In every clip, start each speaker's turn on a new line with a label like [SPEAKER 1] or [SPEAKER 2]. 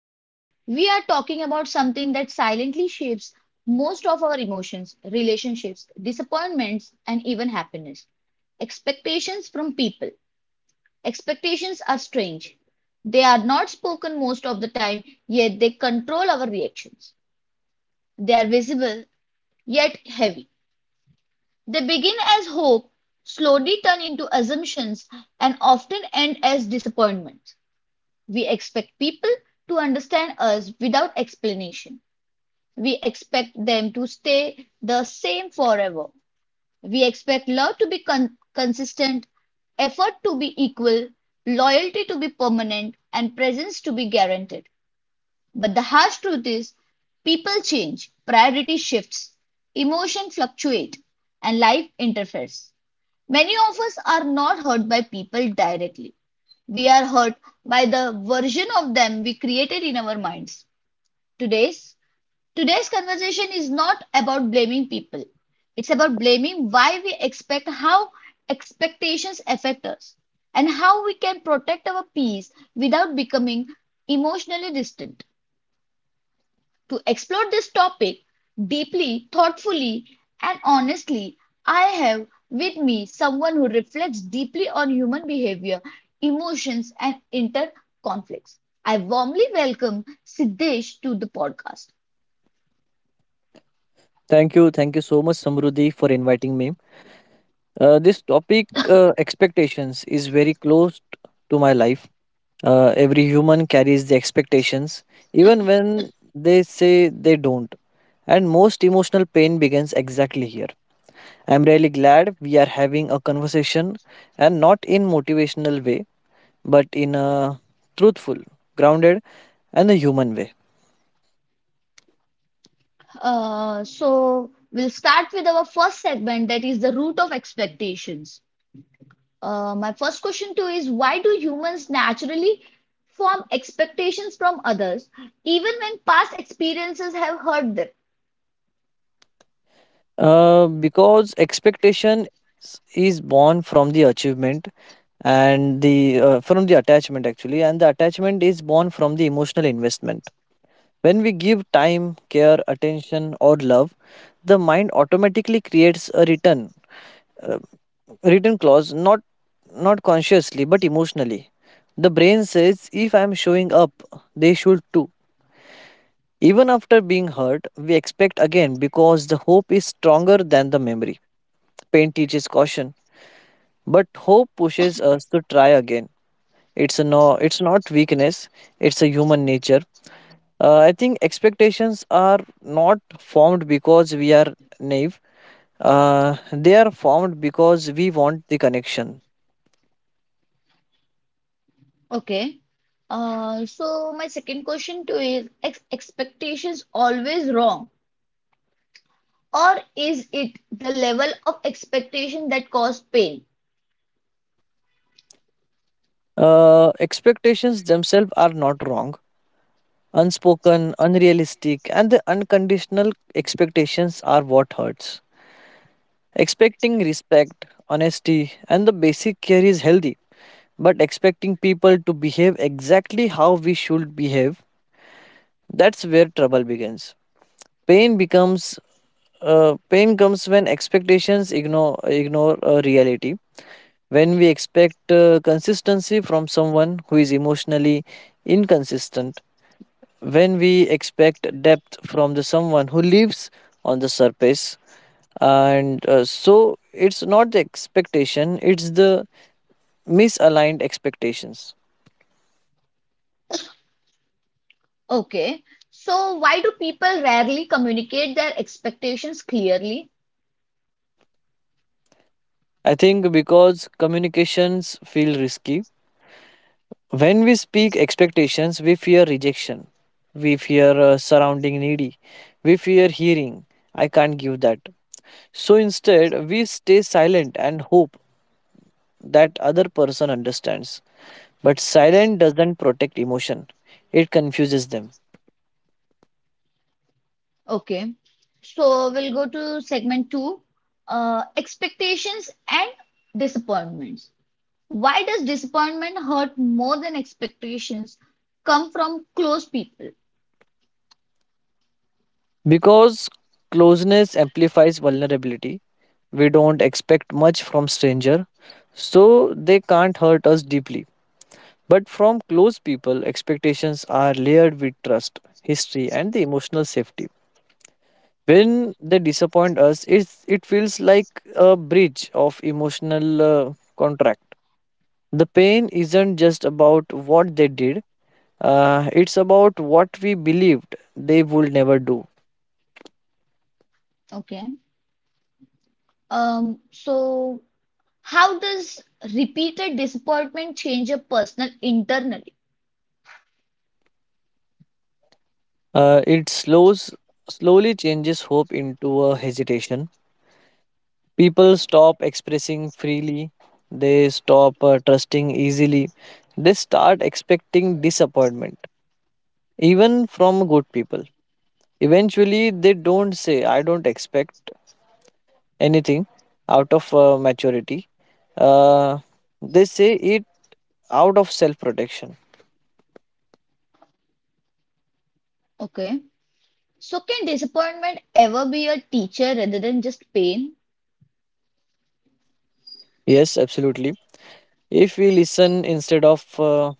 [SPEAKER 1] Today, we are talking about something that silently shapes most of our emotions, relationships, disappointments, and even happiness expectations from people. Expectations are strange. They are not spoken most of the time, yet they control our reactions. They are visible, yet heavy. They begin as hope, slowly turn into assumptions, and often end as disappointment. We expect people to understand us without explanation. We expect them to stay the same forever. We expect love to be consistent, effort to be equal, loyalty to be permanent, and presence to be guaranteed. But the harsh truth is, people change, priority shifts, emotion fluctuate, and life interferes. Many of us are not hurt by people directly. We are hurt by the version of them we created in our minds. Today's today's conversation is not about blaming people. It's about blaming why we expect, how expectations affect us, and how we can protect our peace without becoming emotionally distant. To explore this topic deeply, thoughtfully, and honestly, I have with me someone who reflects deeply on human behavior, emotions, and inter conflicts. I warmly welcome Siddesh to the podcast.
[SPEAKER 2] Thank you. Thank you so much, Samruddhi, for inviting me. This topic, expectations, is very close to my life. Every human carries the expectations, even when they say they don't. And most emotional pain begins exactly here. I'm really glad we are having a conversation and not in motivational way, but in a truthful, grounded, and a human way.
[SPEAKER 1] We'll start with our first segment, that is the root of expectations. My first question to you is, why do humans naturally form expectations from others even when past experiences have hurt them?
[SPEAKER 2] Because expectation is born from the achievement and the from the attachment actually, and the attachment is born from the emotional investment. When we give time, care, attention, or love, the mind automatically creates a return clause, not consciously but emotionally. The brain says, if I am showing up, they should too. Even after being hurt, we expect again because the hope is stronger than the memory. Pain teaches caution, but hope pushes us to try again. It's not weakness. It's a human nature. I think expectations are not formed because we are naive. They are formed because we want the connection.
[SPEAKER 1] Okay. So my second question to is ex expectations always wrong, or is it the level of expectation that cause pain?
[SPEAKER 2] Expectations themselves are not wrong. Unspoken, unrealistic, and the unconditional expectations are what hurts. Expecting respect, honesty, and the basic care is healthy, but expecting people to behave exactly how we should behave, that's where trouble begins. Pain becomes Pain comes when expectations ignore reality. When we expect consistency from someone who is emotionally inconsistent. When we expect depth from the someone who lives on the surface. And so it's not the expectation; it's the misaligned expectations.
[SPEAKER 1] Okay. So why do people rarely communicate their expectations clearly?
[SPEAKER 2] I think because communications feel risky. When we speak expectations, we fear rejection. We fear surrounding needy. We fear hearing, I can't give that. So instead, we stay silent and hope that other person understands. But silence doesn't protect emotion, it confuses them.
[SPEAKER 1] Okay. So we'll go to segment two, expectations and disappointments. Why does disappointment hurt more than expectations come from close people?
[SPEAKER 2] Because closeness amplifies vulnerability, we don't expect much from stranger, so they can't hurt us deeply. But from close people, expectations are layered with trust, history, and the emotional safety. When they disappoint us, it feels like a bridge of emotional contract. The pain isn't just about what they did, it's about what we believed they would never do.
[SPEAKER 1] Okay. So how does repeated disappointment change a person internally?
[SPEAKER 2] It slowly changes hope into a hesitation. People stop expressing freely, they stop trusting easily, they start expecting disappointment, even from good people. Eventually, they don't say, I don't expect anything out of maturity. Uh, they say it out of self protection.
[SPEAKER 1] Okay. So can disappointment ever be a teacher rather than just pain?
[SPEAKER 2] Yes, absolutely. If we listen instead of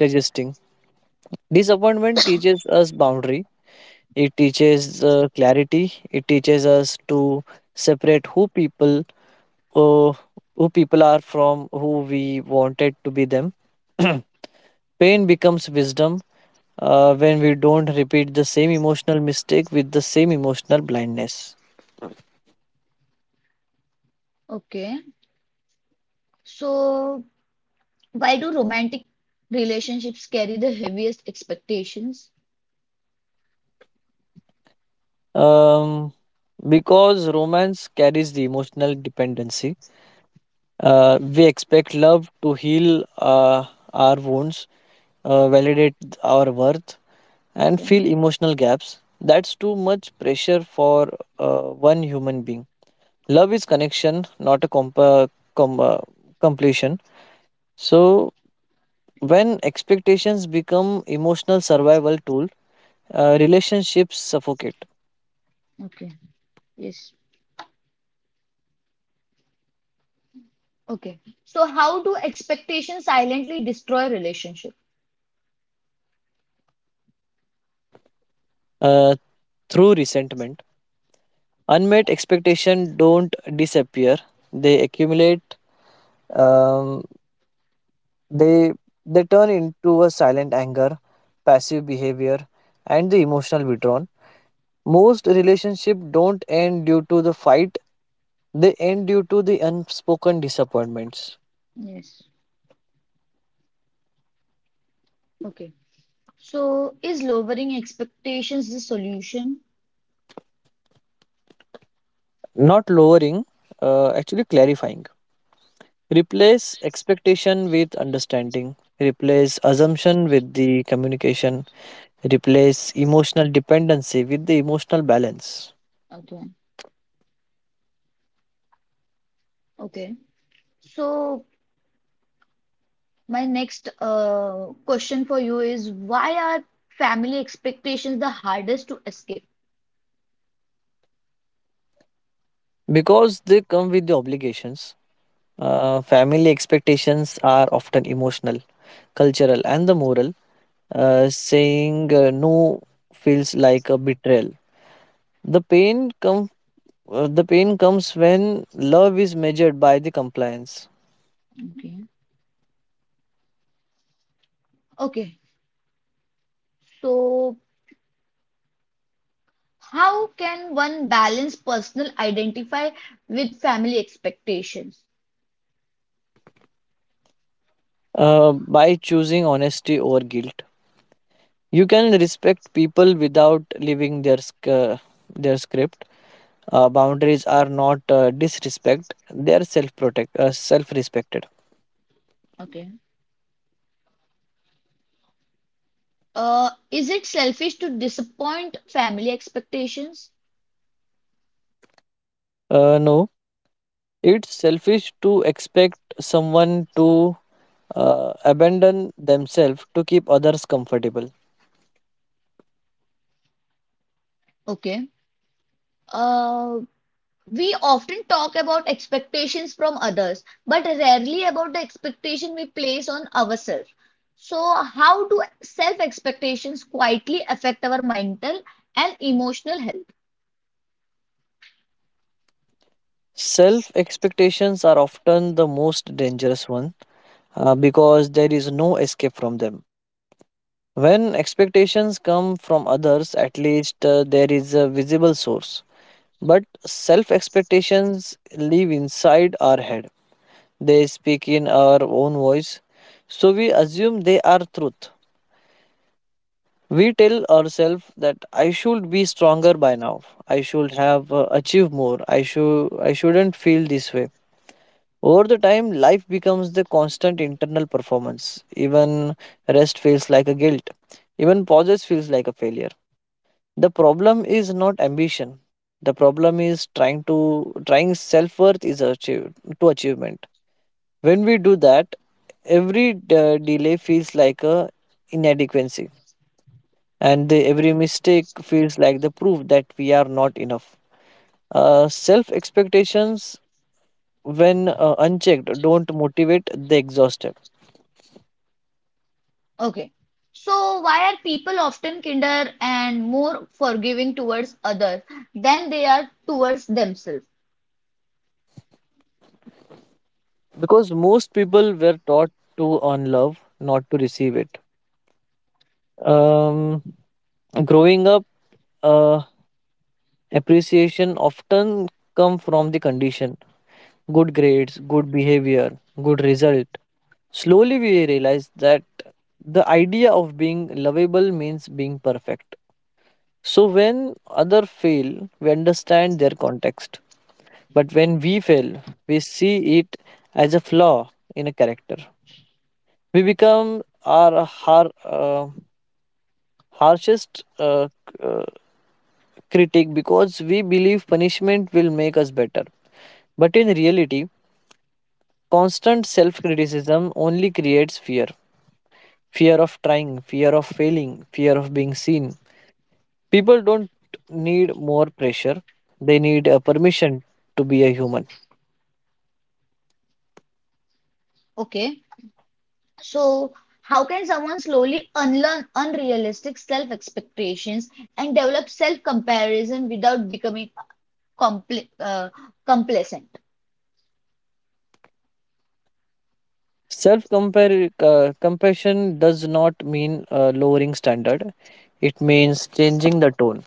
[SPEAKER 2] resisting, disappointment teaches us boundaries. It teaches clarity. It teaches us to separate uh, who people are from who we wanted to be them. Pain becomes wisdom when we don't repeat the same emotional mistake with the same emotional blindness.
[SPEAKER 1] Okay. So why do romantic relationships carry the heaviest expectations?
[SPEAKER 2] Um, because romance carries the emotional dependency, we expect love to heal our wounds, validate our worth, and
[SPEAKER 1] Okay.
[SPEAKER 2] fill emotional gaps. That's too much pressure for uh, one human being. Love is connection, not a com- uh, completion. So, when expectations become emotional survival tool, relationships suffocate
[SPEAKER 1] Okay. Yes. Okay. So how do expectations silently destroy relationship?
[SPEAKER 2] uh, through resentment. Unmet expectation don't disappear; they accumulate. Um, they they turn into a silent anger, passive behavior, and the emotional withdrawal. Most relationships don't end due to the fight, they end due to the unspoken disappointments.
[SPEAKER 1] Yes. Okay. So is lowering expectations the solution?
[SPEAKER 2] Not lowering, actually clarifying. Replace expectation with understanding, replace assumption with the communication, replace emotional dependency with the emotional balance.
[SPEAKER 1] Okay. Okay. So my next question for you is, why are family expectations the hardest to escape?
[SPEAKER 2] Because they come with the obligations, family expectations are often emotional, cultural, and the moral. Saying no feels like a betrayal. The pain come the pain comes when love is measured by the compliance,
[SPEAKER 1] Okay. Okay, so how can one balance personal identify with family expectations?
[SPEAKER 2] by choosing honesty over guilt. You can respect people without leaving their script. Boundaries are not disrespect; they are self respected.
[SPEAKER 1] Okay. Is it selfish to disappoint family expectations?
[SPEAKER 2] No, it's selfish to expect someone to abandon themselves to keep others comfortable.
[SPEAKER 1] Okay. Uh, We often talk about expectations from others, but rarely about the expectation we place on ourselves. So how do self expectations quietly affect our mental and emotional health?
[SPEAKER 2] Self expectations are often the most dangerous one because there is no escape from them. When expectations come from others, at least there is a visible source. But self expectations live inside our head, they speak in our own voice, so we assume they are truth. We tell ourselves that I should be stronger by now. I should have achieved more. I shouldn't feel this way. Over the time, life becomes the constant internal performance. Even rest feels like a guilt. Even pauses feels like a failure. The problem is not ambition. The problem is trying self worth is achieved to achievement. When we do that, every delay feels like a inadequacy, and every mistake feels like the proof that we are not enough. Self expectations, when unchecked, don't motivate; they exhausted,
[SPEAKER 3] Okay. So why are people often kinder and more forgiving towards others than they are towards themselves?
[SPEAKER 2] because most people were taught to earn love, not to receive it. Um, Growing up, uh, appreciation often come from the condition: good grades, good behavior, good result. Slowly, we realize that the idea of being lovable means being perfect. So when other fail, we understand their context. But when we fail, we see it as a flaw in a character. We become our harshest critic, because we believe punishment will make us better. But in reality, constant self criticism only creates fear of trying, fear of failing, fear of being seen. People don't need more pressure, they need a permission to be a human.
[SPEAKER 3] Okay. So how can someone slowly unlearn unrealistic self-expectations and develop self-comparison without becoming compl uh, complacent?
[SPEAKER 2] Self compassion does not mean lowering standard, it means changing the tone.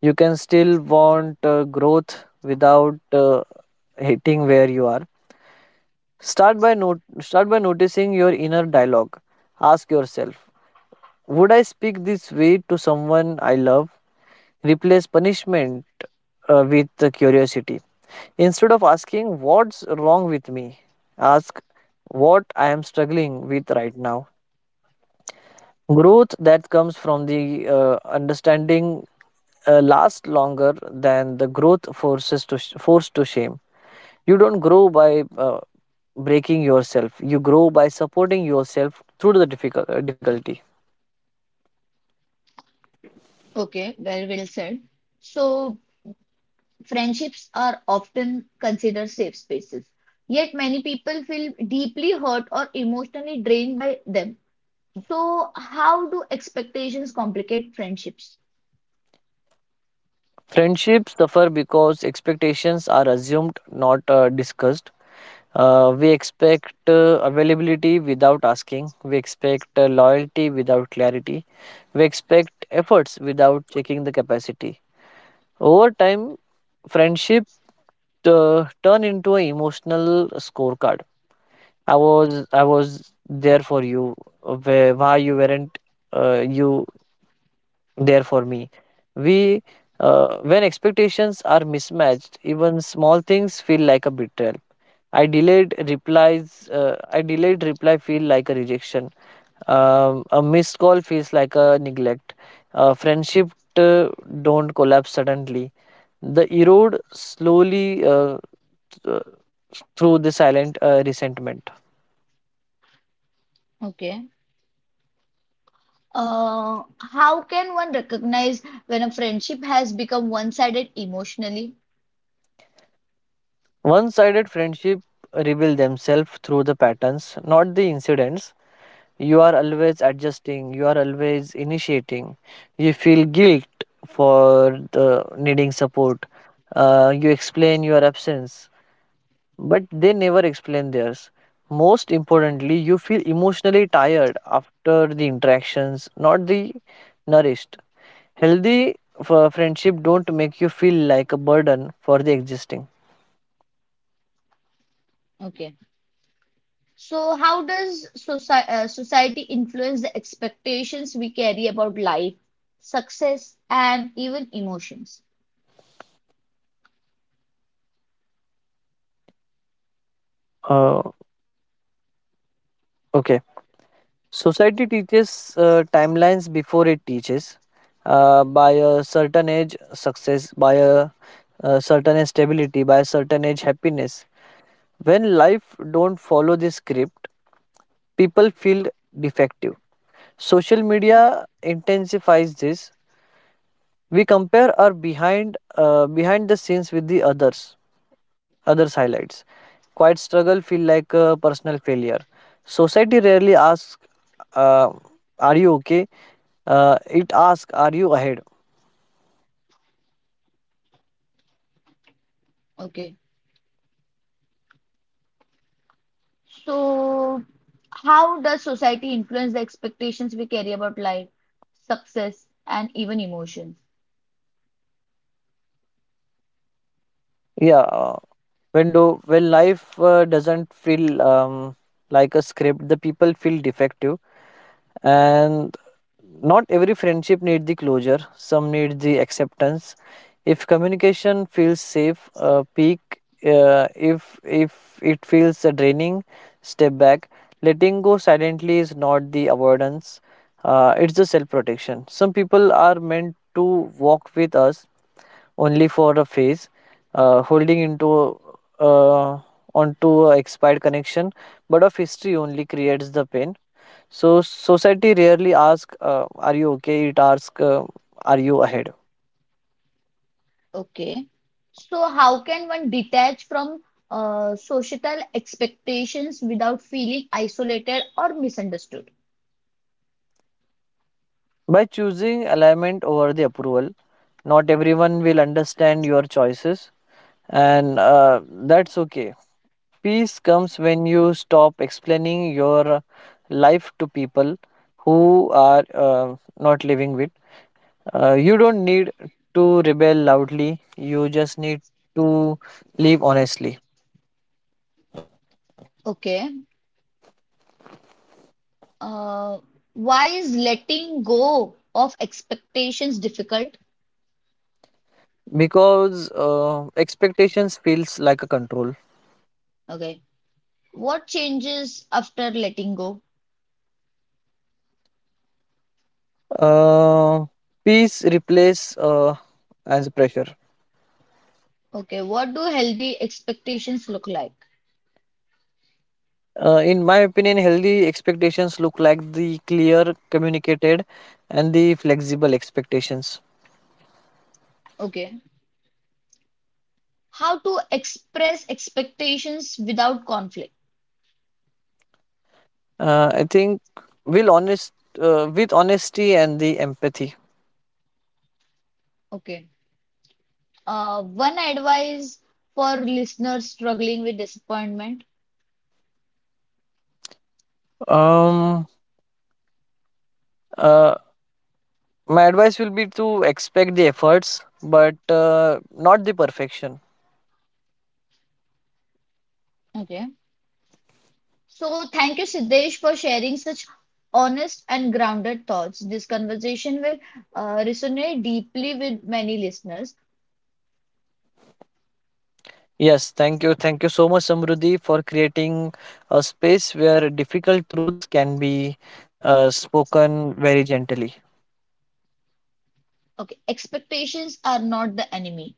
[SPEAKER 2] You can still want growth without hitting where you are. Start by noticing your inner dialogue. Ask yourself, would I speak this way to someone I love? Replace punishment with curiosity. Instead of asking what's wrong with me, ask what I am struggling with right now. Growth that comes from the uh, understanding last longer than the growth forced to shame. You don't grow by breaking yourself. You grow by supporting yourself through the difficulty.
[SPEAKER 3] Okay, very well said. So friendships are often considered safe spaces, yet many people feel deeply hurt or emotionally drained by them. So how do expectations complicate friendships?
[SPEAKER 2] Friendships suffer because expectations are assumed, not discussed. We expect availability without asking. We expect loyalty without clarity. We expect efforts without checking the capacity. Over time, friendship turn into an emotional scorecard. I was there for you, where why you weren't you there for me. We When expectations are mismatched, even small things feel like a betrayal. I delayed replies. I delayed reply feel like a rejection. A missed call feels like a neglect. Friendship uh, don't collapse suddenly. The erode slowly, th- through the silent resentment.
[SPEAKER 3] Okay. How can one recognize when a friendship has become one-sided emotionally?
[SPEAKER 2] One sided friendship reveal themselves through the patterns, not the incidents. You are always adjusting, you are always initiating. You feel guilt for the needing support. You explain your absence, but they never explain theirs. Most importantly, you feel emotionally tired after the interactions, not the nourished. Healthy friendship don't make you feel like a burden for the existing.
[SPEAKER 3] Okay. So how does society influence the expectations we carry about life, success, and even emotions?
[SPEAKER 2] Uh, okay. Society teaches timelines before it teaches. By a certain age, success. By a certain age, stability. By a certain age, happiness. When life don't follow this script, people feel defective. Social media intensifies this. We compare our behind the scenes with the others highlights. Quiet struggle feel like a personal failure. Society rarely asks, uh, "Are you okay?" It asks, "Are you ahead?"
[SPEAKER 3] Okay. So how does society influence the expectations we carry about life, success, and even emotions?
[SPEAKER 2] Yeah. When do when life doesn't feel like a script, the people feel defective, and not every friendship need the closure. Some need the acceptance. If communication feels safe, peak. Uh, if if it feels draining, step back. Letting go silently is not the avoidance. It's the self protection. Some people are meant to walk with us only for a phase, holding into uh, onto a expired connection, but of history only creates the pain. So society rarely asks, "Are you okay?" It asks, "Are you ahead?"
[SPEAKER 3] Okay. So how can one detach from societal expectations without feeling isolated or misunderstood?
[SPEAKER 2] By choosing alignment over the approval, not everyone will understand your choices, and that's okay. Peace comes when you stop explaining your life to people who are not living with. You don't need to rebel loudly. You just need to live honestly,
[SPEAKER 3] Okay. Uh, why is letting go of expectations difficult?
[SPEAKER 2] because expectations feels like a control.
[SPEAKER 3] Okay. What changes after letting go?
[SPEAKER 2] Uh, Peace replace as pressure.
[SPEAKER 3] Okay. What do healthy expectations look like?
[SPEAKER 2] In my opinion, healthy expectations look like the clear, communicated, and the flexible expectations.
[SPEAKER 3] Okay. How to express expectations without conflict?
[SPEAKER 2] I think will honest with honesty and the empathy.
[SPEAKER 3] Okay. One advice for listeners struggling with disappointment.
[SPEAKER 2] Um, uh, My advice will be to expect the efforts, but not the perfection.
[SPEAKER 3] Okay. So thank you, Siddesh, for sharing such honest and grounded thoughts. This conversation will resonate deeply with many listeners.
[SPEAKER 2] Yes, thank you. Thank you so much, Samruddhi, for creating a space where difficult truth can be spoken very gently.
[SPEAKER 3] Okay. Expectations are not the enemy.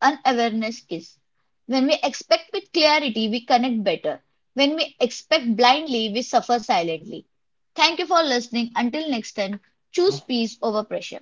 [SPEAKER 3] Unawareness is. When we expect with clarity, we connect better. When we expect blindly, we suffer silently. Thank you for listening. Until next time, choose peace over pressure.